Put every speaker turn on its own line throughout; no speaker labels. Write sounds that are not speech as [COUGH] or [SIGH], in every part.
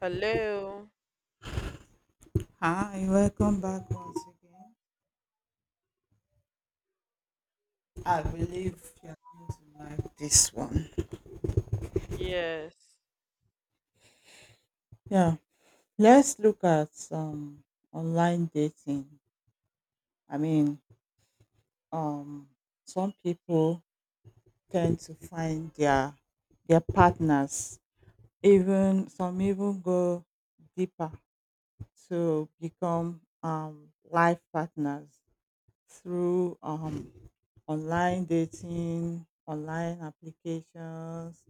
Hello.
Hi, welcome back once again. I believe you're going to like this one.
Yes.
Yeah, let's look at online dating. I mean, um, some people tend to find their partners. Even some even go deeper to become life partners through online dating, online applications,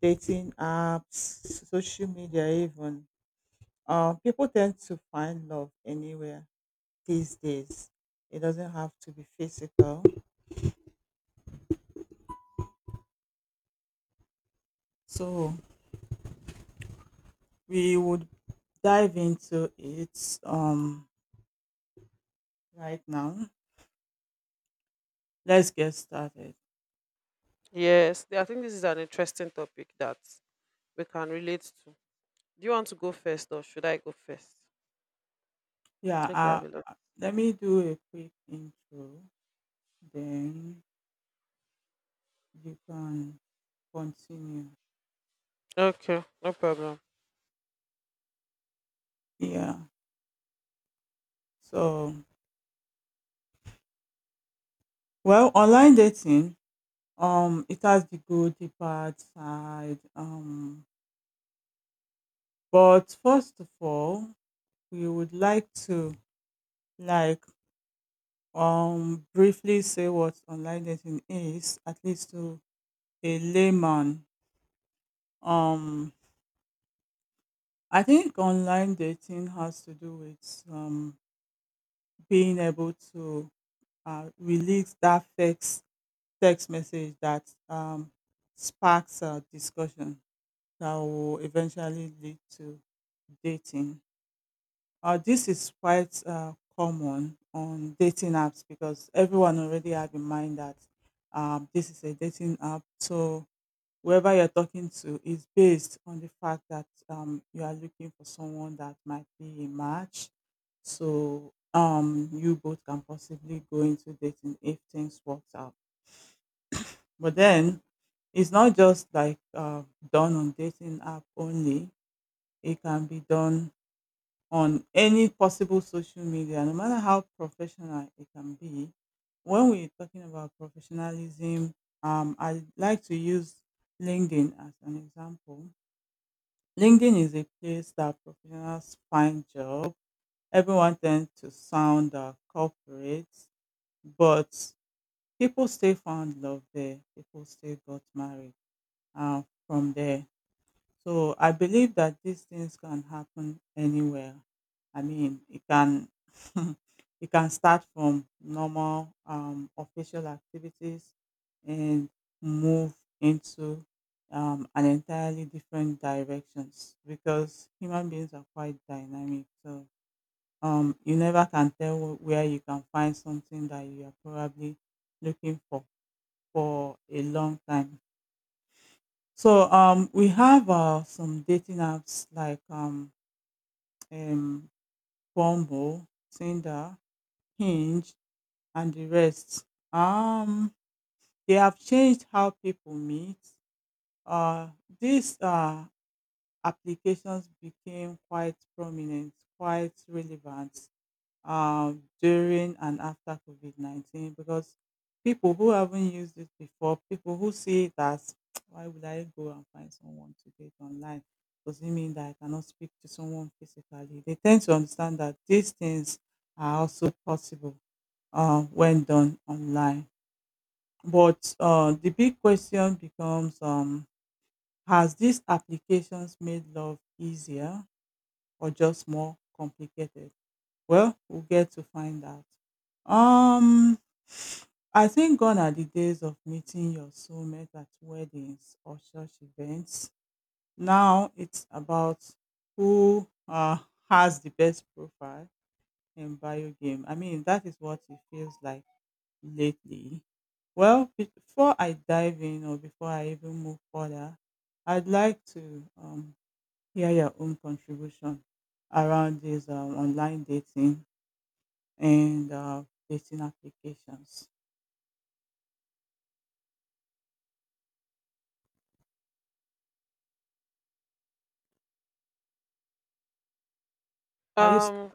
dating apps, social media, even. People tend to find love anywhere these days. It doesn't have to be physical. So we would dive into it right now. Let's get started.
Yes. I think this is an interesting topic that we can relate to. Do you want to go first or should I go first?
Yeah,
Okay, I
uh,
will.
Let me do a quick intro, then you can continue.
Okay, no problem.
Yeah. So, well, online dating, it has the good, the bad side. But first of all, we would like to like briefly say what online dating is, at least to a layman. Um I think online dating has to do with being able to release that text message that sparks a discussion that will eventually lead to dating. This is quite common on dating apps because everyone already have in mind that this is a dating app. So whoever you're talking to is based on the fact that you are looking for someone that might be a match. So you both can possibly go into dating if things works out. But then it's not just like done on dating app only. It can be done on any possible social media, no matter how professional it can be. When we're talking about professionalism, I like to use LinkedIn as an example. LinkedIn is a place that professionals find job. Everyone tends to sound corporate, but people still found love there. People still got married uh, from there. So I believe that these things can happen anywhere. I mean, it can [LAUGHS] it can start from normal official activities and move into an entirely different directions because human beings are quite dynamic. So you never can tell where you can find something that you are probably looking for a long time. So we have some dating apps like um, Bumble, Tinder, Hinge, and the rest. Um, they have changed how people meet. Uh, these applications became quite prominent, quite relevant, during and after COVID COVID-19 because people who haven't used it before, people who see it as [TSK] why would I go and find someone to date online? Does it mean that I cannot speak to someone physically? They tend to understand that these things are also possible when done online. But the big question becomes, has these applications made love easier or just more complicated? Well, we'll get to find out. Um, I think gone are the days of meeting your soulmate at weddings or church events. Now it's about who has the best profile in bio game. I mean, that is what it feels like lately. Well, before I dive in or before I even move further, I'd like to hear your own contribution around this online dating and dating applications. I used
Um,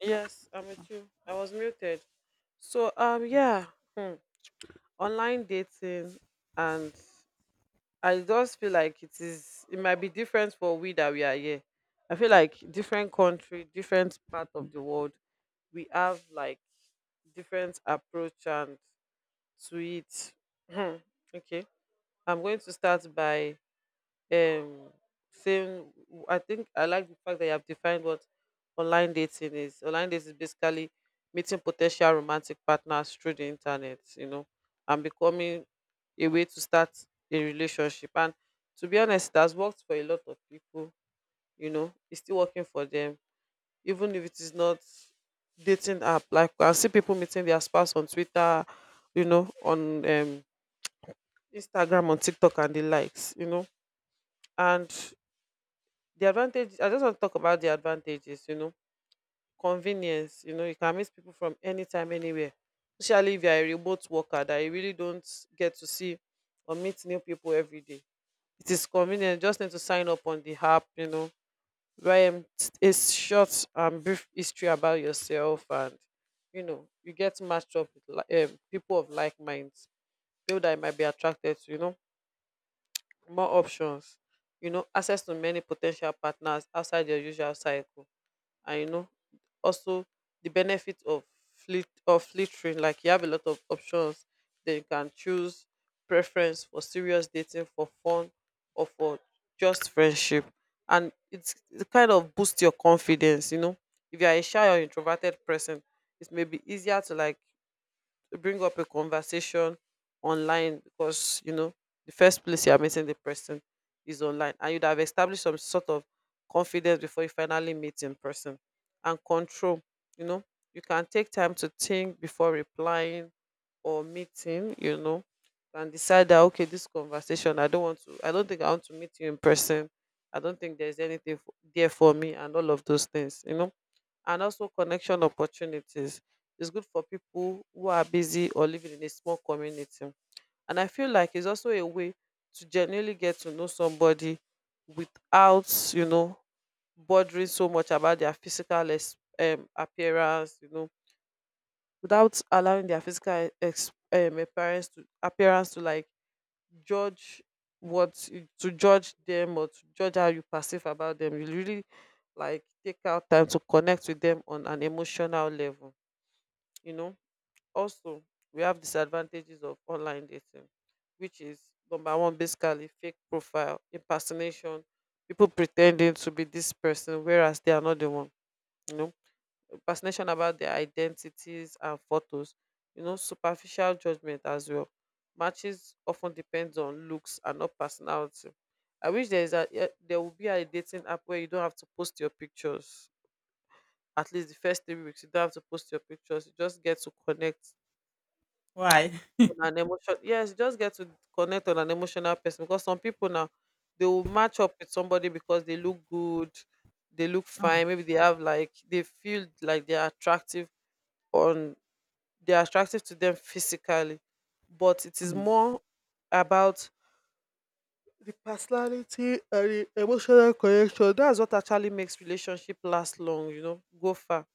yes, I'm with you. I was muted. So, yeah, hmm, online dating, and I just feel like it is. It might be different for we that we are here. I feel like different country, different part of the world, we have like different approach and to it. Hmm, okay. I'm going to start by um saying I think I like the fact that you have defined what online dating is. Online dating is basically meeting potential romantic partners through the internet, and becoming a way to start a relationship. And to be honest, it has worked for a lot of people, it's still working for them, even if it is not dating app. Like I see people meeting their spouse on Twitter, on Instagram on TikTok and the likes. And the advantage I just want to talk about the advantages. Convenience, you can meet people from anytime, anywhere. Especially if you're a remote worker that you really don't get to see or meet new people every day. It is convenient, you just need to sign up on the app, write a short and brief history about yourself and you get matched up with people of like minds, people that you might be attracted to, more options, access to many potential partners outside your usual cycle, and also the benefit of fleet of filtering. Like you have a lot of options, then you can choose preference for serious dating, for fun, or for just friendship, and it kind of boosts your confidence. You know, if you are a shy or introverted person, it may be easier to like to bring up a conversation online because the first place you are meeting the person is online and you'd have established some sort of confidence before you finally meet in person and control you know you can take time to think before replying or meeting, and decide that okay this conversation, I don't want to, I don't think I want to meet you in person. I don't think there's anything there for me and all of those things. And also connection opportunities. It's good for people who are busy or living in a small community. And I feel like it's also a way to genuinely get to know somebody without bothering so much about their physical appearance, without allowing their physical appearance to like judge to judge them or to judge how you perceive about them. You really like take out time to connect with them on an emotional level you know Also, we have disadvantages of online dating, which is number one basically fake profile impersonation, people pretending to be this person whereas they are not the one you know Fascination about their identities and photos. Superficial judgment as well. Matches often depends on looks and not personality. I wish there will be a dating app where you don't have to post your pictures. At least the first 3 weeks, you don't have to post your pictures. You just get to connect
Why?
on an emotion. Yes, you just get to connect on an emotional person because some people now, they will match up with somebody because they look good, they look
Mm,
fine. Maybe they feel like they are attractive on they are attractive to them physically, but it is
mm.
more about the personality and the emotional connection. That's what actually makes relationship last long, go far.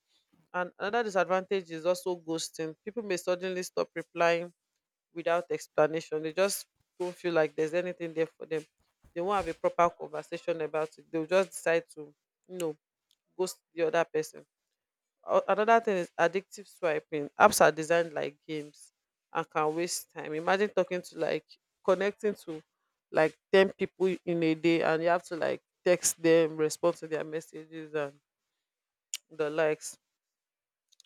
And another disadvantage is also ghosting. People may suddenly stop replying without explanation. They just don't feel like there's anything there for them. They won't have a proper conversation about it. They'll just decide to you know ghost the other person. Another thing is addictive swiping. Apps are designed like games and can waste time. Imagine talking to like connecting to like ten people in a day, and you have to like text them, respond to their messages and the likes.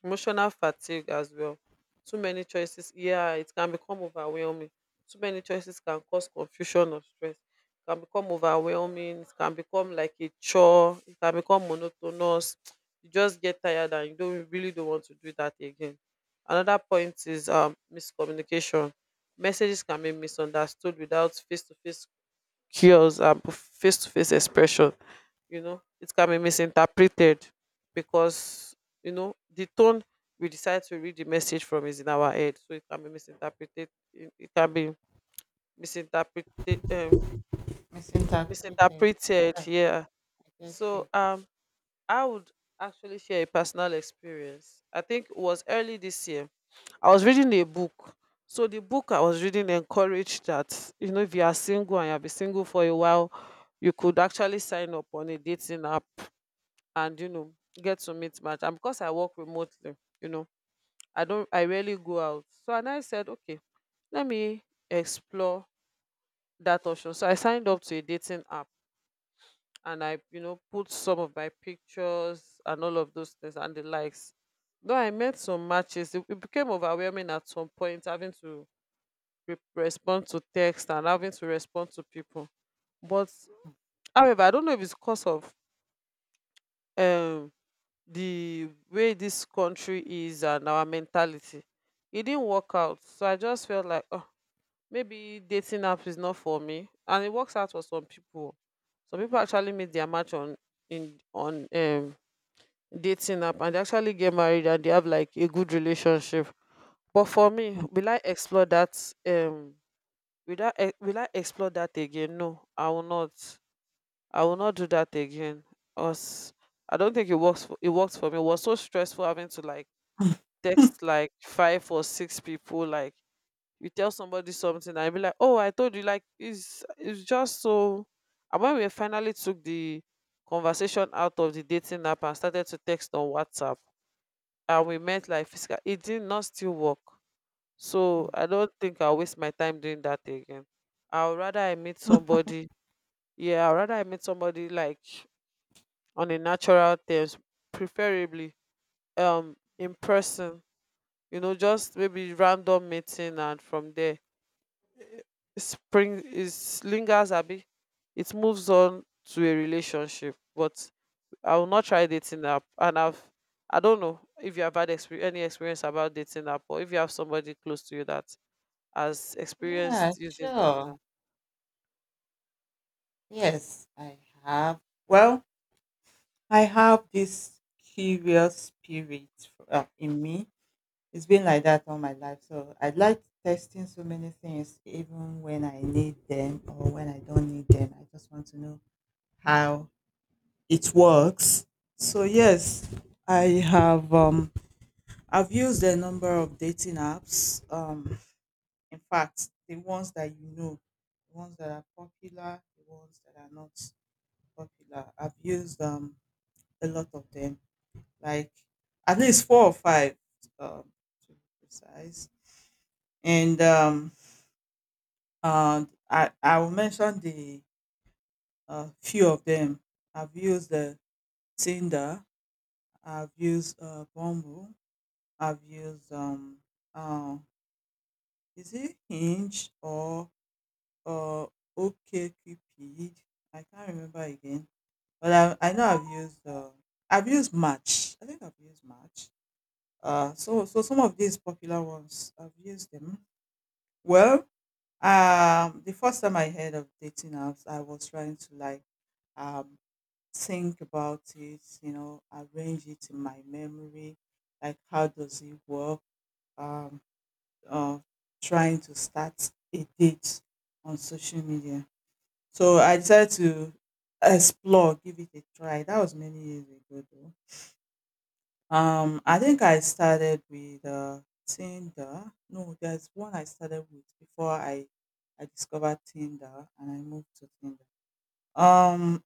Emotional fatigue as well. Too many choices, yeah, it can become overwhelming. Too many choices can cause confusion or stress. It can become overwhelming. It can become like a chore. It can become monotonous. You just get tired and you really don't want to do that again. Another point is miscommunication. Messages can be misunderstood without face to face cures and face to face expression. It can be misinterpreted because the tone we decide to read the message from is in our head, so it can be misinterpreted. It can be misinterpreted um,
Misinterpreted.
misinterpreted,
Yeah, I
yeah.
get
So,
you.
I would actually share a personal experience. I think it was early this year. I was reading a book. So the book I was reading encouraged that if you are single and you have been single for a while, you could actually sign up on a dating app, and get to meet match. And because I work remotely you know I don't I rarely go out. So, and I said okay, let me explore that option. So I signed up to a dating app, and I put some of my pictures and all of those things and the likes. Though I met some matches, it became overwhelming at some point having to respond to text and having to respond to people. But however, I don't know if it's because of um the way this country is and our mentality. It didn't work out. So I just felt like, oh, maybe dating app is not for me. And it works out for some people. Some people actually meet their match on dating app, and they actually get married and they have like a good relationship. But for me, will I explore that again? No, I will not. I will not do that again. Us I don't think it works for me. It was so stressful having to like text like five or six people. Like you tell somebody something and you be like, oh, I told you. Like it's just so. And when we finally took the conversation out of the dating app and started to text on WhatsApp, and we met like physical, it did not still work. So
Mhm.
I don't think I'll waste my time doing that again. i'll rather i meet somebody yeah I would rather I meet somebody like on a natural terms, preferably in person. Just maybe random meeting, and from there it lingers a bit. It moves on to a relationship. But I will not try dating app. And I don't know if you have had any experience about dating app, or if you have somebody close to you that has
Yeah,
experienced using dating
sure.
app.
Yes, I have. Well, I have this curious spirit in me. It's been like that all my life. So I like testing so many things, even when I need them or when I don't need them. I just want to know how it works. So, yes, I have. I've used a number of dating apps. In fact, the ones that you know, the ones that are popular, the ones that are not popular. I've used a lot of them, like at least four or five, um, to be precise. And um, uh, I I will mention the few of them. I've used the Tinder. I've used Bumble. I've used uh, is it Hinge or OkCupid. I can't remember again, but I know I've used Match. I think I've used Match. So some of these popular ones I've used them. Well, the first time I heard of dating apps, I was trying to like um think about it, you know, arrange it in my memory, like how does it work? Um, uh, Trying to start a date on social media. So I decided to explore, give it a try. That was many years ago though. I think I started with Tinder. No, there's one I started with before I discovered Tinder and I moved to Tinder. Um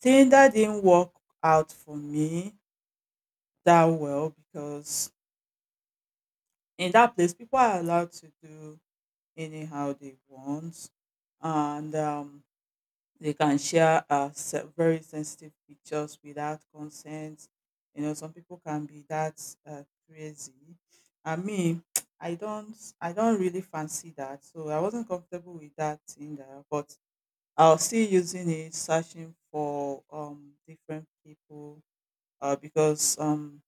Tinder didn't work out for me that well because in that place people are allowed to do anyhow they want, and they can share very sensitive pictures without consent. You know, some people can be that uh, crazy. I mean, [TSK] I don't, I don't really fancy that, so I wasn't comfortable with that thing there. But I was still using it, searching for different people, because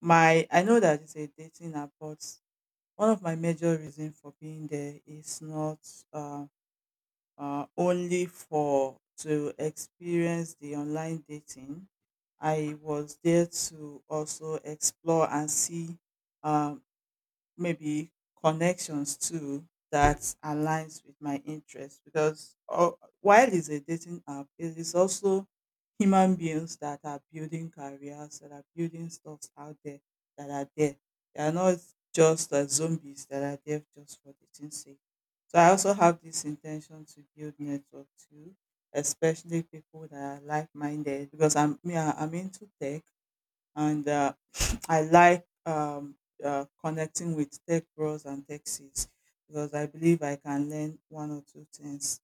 my I know that it's a dating app, but one of my major reasons for being there is not um only for to experience the online dating. I was there to also explore and see uh, maybe connections too that aligns with my interests because while it's a dating app, it is also human beings that are building careers, that are building stuff out there, that are there. They are not just zombies that are there just for dating's sake. So I also have this intention to build network too, especially people that are like-minded because I'm yeah, I'm into tech, and I like connecting with tech bros and techsies because I believe I can learn one or two things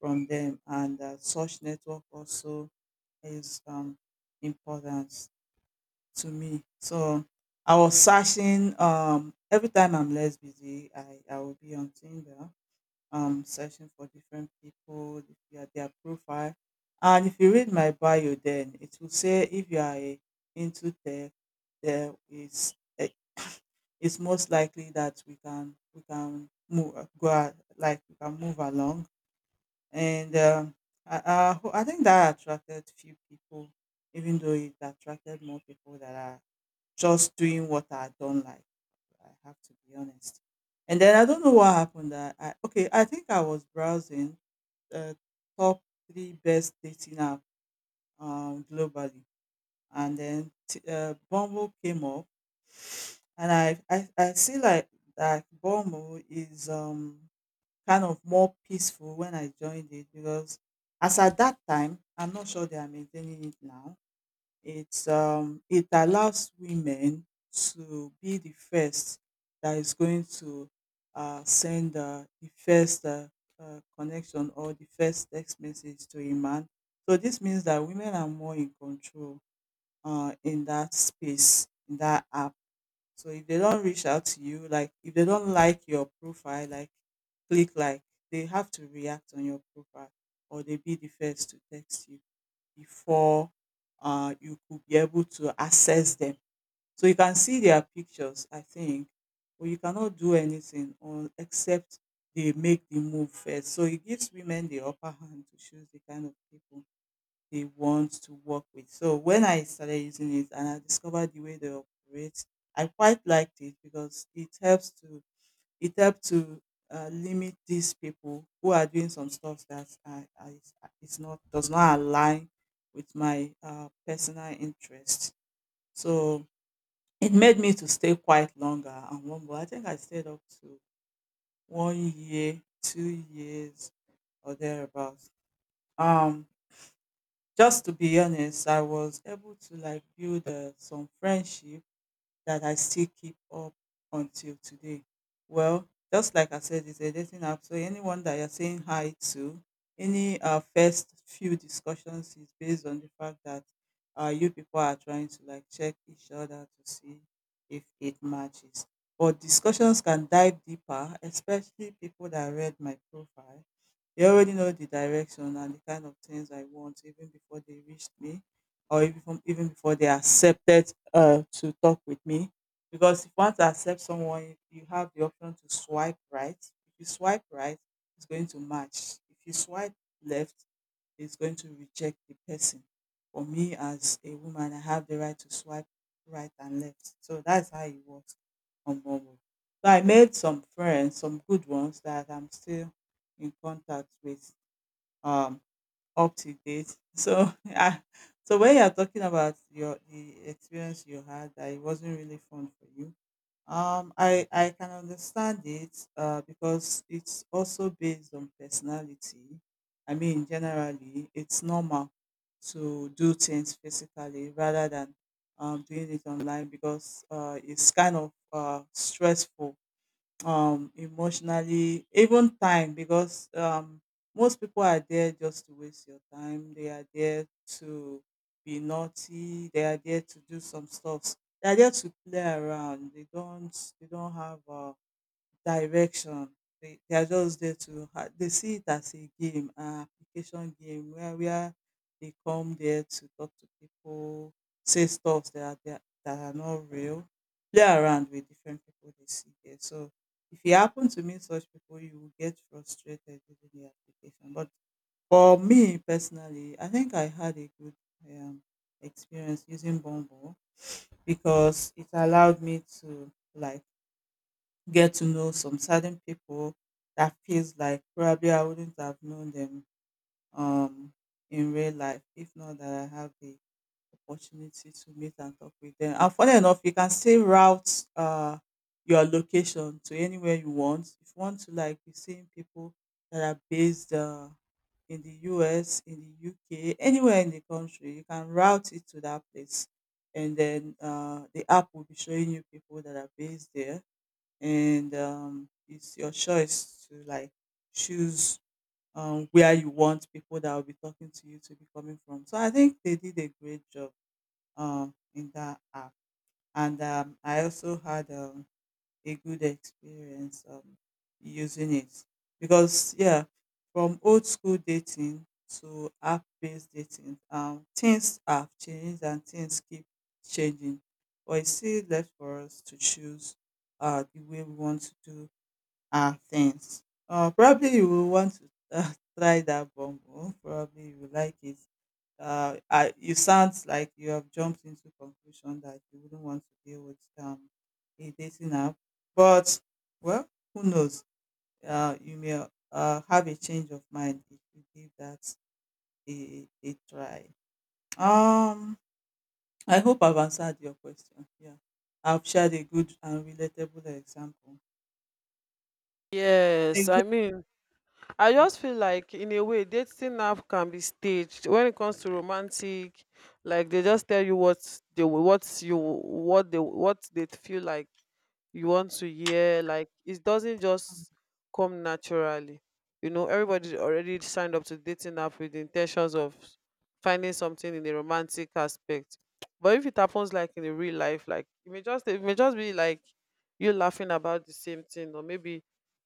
from them, and such network also is important to me. So I was searching every time I'm less busy, I will be on Tinder, searching for different people, their profile. And if you read my bio, then it will say if you are a, into tech, there is it's most likely that we can like we can move along. And I think that attracted few people, even though it attracted more people that are just doing what I don't like. I have to be honest. And then I don't know what happened that I. Okay, I think I was browsing uh, top three best dating app globally, and then Bumble came up. And I see like that Bumble is kind of more peaceful when I joined it because as at that time I'm not sure they are maintaining it now. It's it allows women to be the first that is going to send the first connection or the first text message to a man. So this means that women are more in control in that space, in that app. So if they don't reach out to you, like if they don't like your profile, like click like, they have to react on your profile or they be the first to text you before you could be able to access them. So you can see their pictures, I think, but you cannot do anything on except they make the move first. So it gives women the upper hand to choose the kind of people they want to work with. So when I started using it and I discovered the way they operate, I quite liked it because it helps to limit these people who are doing some stuff that I it's not does not align with my personal interest. So it made me to stay quite longer and one more. I think I stayed up to 1 year, 2 years or thereabouts. Um, just to be honest, I was able to like build some friendship that I still keep up until today. Well, just like I said, it's a dating app. So anyone that you're saying hi to, any first few discussions is based on the fact that you people are trying to like check each other to see if it matches. But discussions can dive deeper, especially people that read my profile. They already know the direction and the kind of things I want even before they reached me or even before they are accepted to talk with me. Because if you want to accept someone, you have the option to swipe right. If you swipe right, it's going to match. If you swipe left, it's going to reject the person. For me, as a woman, I have the right to swipe right and left. So that's how it works on Bumble. So I made some friends, some good ones that I'm still in contact with. Um, Up to date. So [LAUGHS] yeah. So when you're talking about your the experience you had that it wasn't really fun for you, I can understand it because it's also based on personality. I mean, generally, it's normal to do things physically rather than doing it online because it's kind of stressful emotionally even time because most people are there just to waste your time, they are there to be naughty, they are there to do some stuff, they are there to play around, they don't have direction. They are just there to ha they see it as a game, an application game where they come there to talk to people, say stuff that are not real, play around with different people they see there. So if you happen to meet such people, you will get frustrated during the application. But for me personally, I think I had a good um, experience using Bumble because it allowed me to like get to know some certain people that feels like probably I wouldn't have known them um in real life if not that I have the opportunity to meet and talk with them. And funny enough, you can still route your location to anywhere you want. If you want to like be seeing people that are based in the US, in the UK, anywhere in the country, you can route it to that place. And then the app will be showing you people that are based there, and it's your choice to like choose where you want people that will be talking to you to be coming from. So I think they did a great job in that app, and I also had a good experience using it because yeah, from old school dating to app based dating, things have changed and things keep changing, but it's still left for us to choose the way we want to do and things. Probably you will want to [LAUGHS] try that bongo. Probably you will like it. You sound like you have jumped into conclusion that you wouldn't want to deal with a dating app. But, well, who knows? You may have a change of mind if you give that a try. Um, I hope I've answered your question. Yeah. I've shared a good and relatable example.
Yes,
Exactly.
I mean, I
Mm,
just feel like in a way dating app can be staged when it comes to romantic. Like they just tell you what they wa- what you what they feel like you want to hear. Like it doesn't just come naturally. Everybody already signed up to dating app with the intentions of finding something in the romantic aspect. But if it happens like in the real life, like it may just be like you laughing about the same thing. Or maybe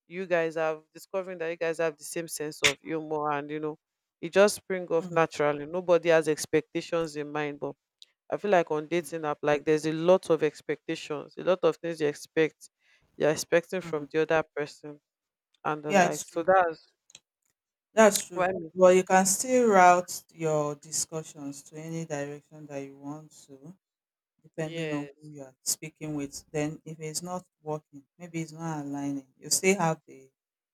you guys have discovering that you guys have the same sense of humor, and it just spring off
mm,
naturally. Nobody has expectations in mind. But I feel like on
mm.
dating app, like there's a lot of expectations, a lot of things you're expecting from
Mm.
the other person and the
Yeah,
like.
it's
So
true.
that's
That's
why.
true. But you can still route your discussions to any direction that you want to, depending on who
Yes,
you are speaking with. Then, if it's not working, maybe it's not aligning, you still have the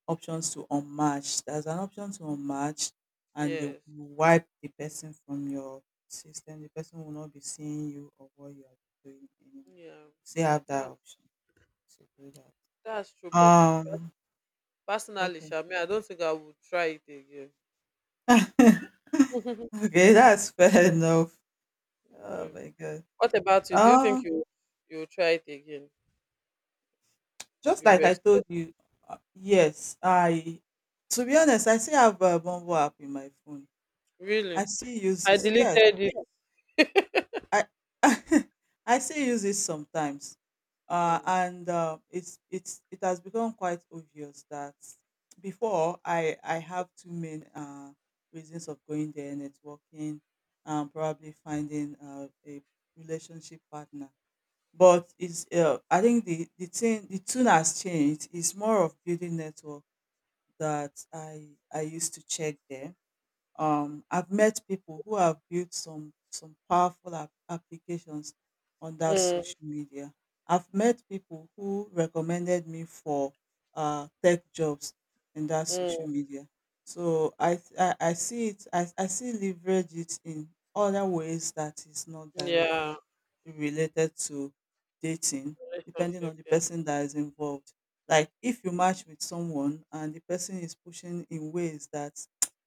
options to unmatch. There's an option to unmatch, and they will
yes,
wipe the person from your system. The person will not be seeing you or what you are doing anymore.
yeah,
Still have that
yeah,
option to do that.
that's true. But pers-
Um.
personally,
Okay.
Shami, I don't think I would try it again.
[LAUGHS]
[LAUGHS]
Okay, that's fair [LAUGHS] enough. Oh
Yeah.
my god.
What about you? Do you think
Um,
you will try it again?
just
You
like I
expect
told you, yes, I. To be honest, I still have a Bumble app in my phone.
really?
I still use
I
it. Yes,
deleted it.
I. [LAUGHS] I still use it sometimes. Uh,
Mm.
and uh, it's it's it has become quite obvious that before I have two main reasons of going there: networking, and probably finding a relationship partner. But it's I think the tune has changed. It's more of building network that I used to check there. I've met people who have built some powerful applications on that
Mm.
social media. I've met people who recommended me for tech jobs in that
Mm.
social media. So I see it I see leverage it in other ways that is not
Yeah,
directly related to dating, depending
relationship.
on the
Yeah,
person that is involved. Like if you match with someone and the person is pushing in ways that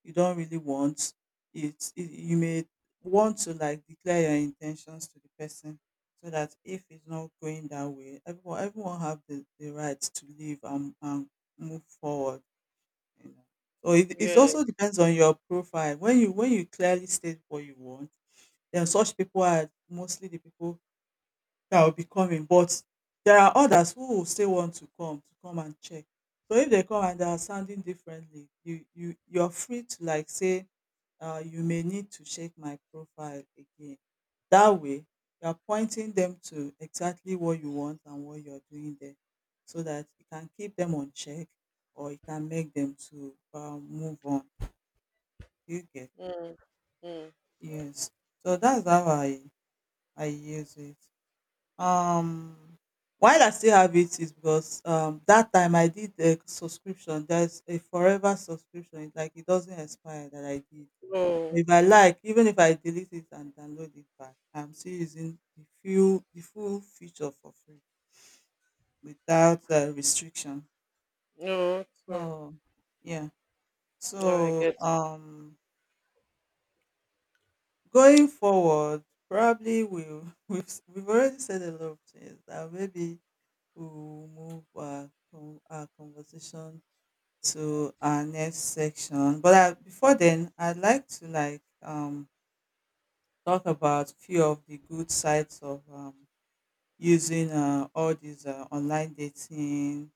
you don't really want it you may want to like declare your intentions to the person so that if it's not going that way, everyone have the right to leave, and move forward, you know. So it
yeah.
also depends on your profile when you clearly state what you want, then such people are mostly the people that will be coming, but there are others who will still want to come and check. So if they come and they are sounding differently, you're free to like say, you may need to check my profile again. That way, you're pointing them to exactly what you want and what you're doing there, so that you can keep them on check or you can make them to move on. You get
Mm. Mm.
yes. So that's how I use it. Um, while I still have it is because that time I did a subscription. There's a forever subscription. It's like it doesn't expire that I did.
No,
If I like, even if I delete it and download it back, I'm still using the full feature for free without restriction.
no, no,
So yeah.
no, I
So
get
going forward, probably we'll [LAUGHS] we've already said a lot of things that maybe we'll move our conversation to our next section. But before then, I'd like to like talk about few of the good sides of using all these online dating,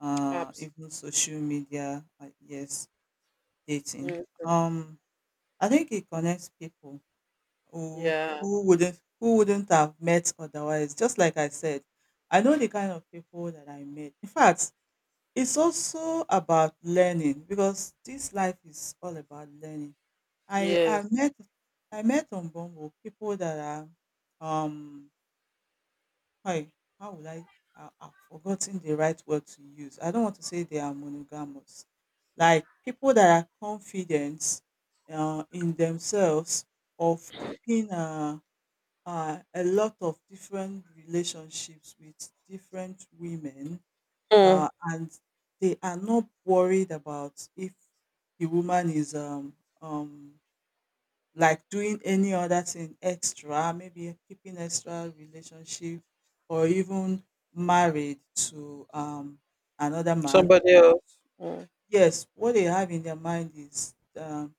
apps.
even social media. Yes, dating.
Mm,
Um, I think it connects people
yeah,
who wouldn't have met otherwise. Just like I said, I know the kind of people that I met. In fact, it's also about learning because this life is all about learning. I I
yes.
met I met on Bumble people that are um hi how would I I've forgotten the right word to use. I don't want to say they are monogamous. Like people that are confident in themselves of keeping a lot of different relationships with different women,
Mm,
and they are not worried about if the woman is um like doing any other thing extra, maybe keeping extra relationship or even married to another man.
somebody else. Mm,
Yes, what they have in their mind is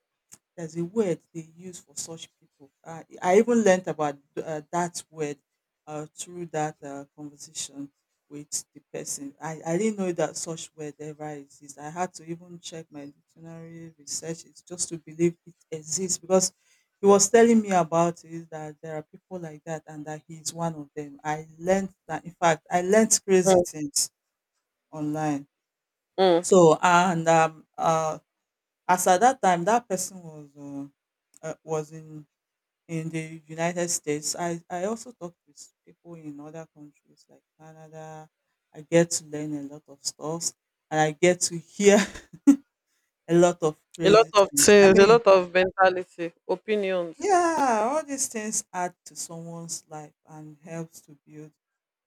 there's a word they use for such people. I even learned about that word through that conversation with the person. I didn't know that such word ever exists. I had to even check my dictionary research. It's just to believe it exists because he was telling me about it that there are people like that and that he is one of them. I learned that, in fact, I learned crazy
mm,
things online.
mm.
So, and as at that time, that person was uh, uh, was in in the United States. I also talked with people in other countries like Canada. I get to learn a lot of stuff, and I get to hear [LAUGHS] a lot of
A lot
crazy
of
things. I
things, a
mean,
lot of mentality, opinions.
yeah, all these things add to someone's life and helps to build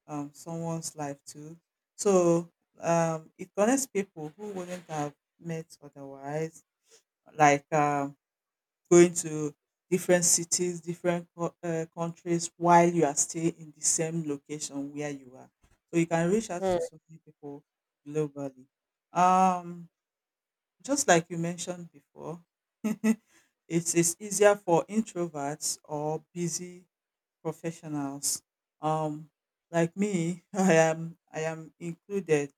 someone's life too. So it connects people who wouldn't have met otherwise. Like going to different cities, countries while you are still in the same location where you are. So you can reach out
Mm,
to so many people globally. Um, just like you mentioned before, [LAUGHS] it is easier for introverts or busy professionals. Um, like me, [LAUGHS] I am included.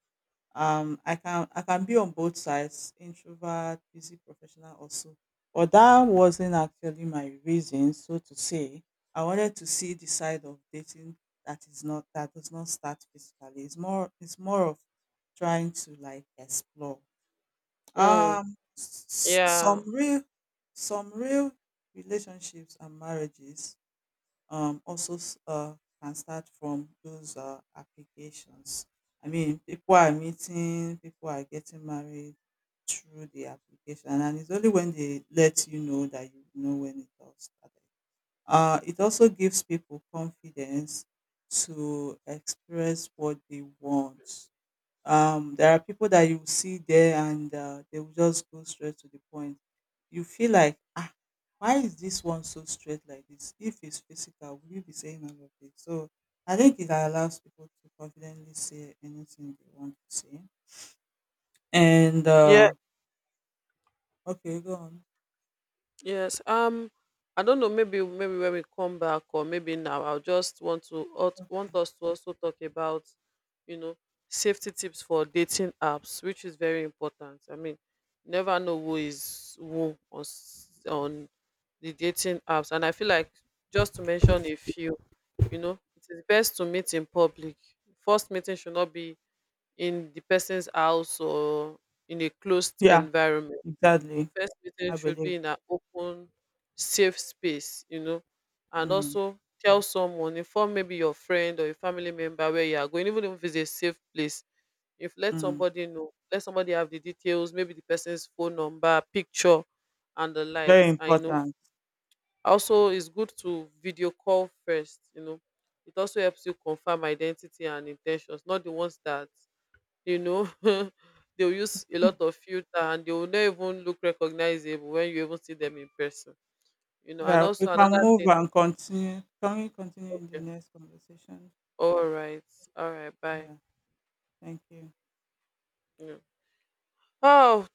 I can be on both sides, introvert, busy professional, also, but that wasn't actually my reason, so to say. I wanted to see the side of dating that is not that does not start physically. It's more of trying to like explore
mm,
some
yeah,
real some real relationships and marriages also can start from those applications. I mean, people are meeting, people are getting married through the application, and it's only when they let you know that you know when it all started. It also gives people confidence to express what they want. There are people that you see there and they will just go straight to the point. You feel like, ah, why is this one so straight like this? If it's physical, will you be saying all of this? So I think it allows people to confidently say anything they want to say. And
yeah.
Okay, go on.
Yes. I don't know. Maybe when we come back, or maybe now, I'll just want to want us to also talk about, you know, safety tips for dating apps, which is very important. I mean, you never know who is who on on the dating apps, and I feel like just to mention a few, it is best to meet in public. First meeting should not be in the person's house or in a closed
Yeah,
environment.
exactly.
First meeting
I
should be
believe.
in an open, safe space, and
Mm,
also tell someone, inform maybe your friend or your family member where you are going, even if it's a safe place. If let
mm.
somebody know, let somebody have the details, maybe the person's phone number, picture, and the
Very
likes. And
important.
also it's good to video call first. It also helps you confirm identity and intentions, not the ones that you know [LAUGHS] they'll use a lot of filter and they will not even look recognizable when you even see them in person, and
Yeah, we
also
can
another
move
thing.
and continue. Can we continue in the
Okay,
next conversation?
all right, all right, bye.
Yeah, thank you.
Yeah. Oh.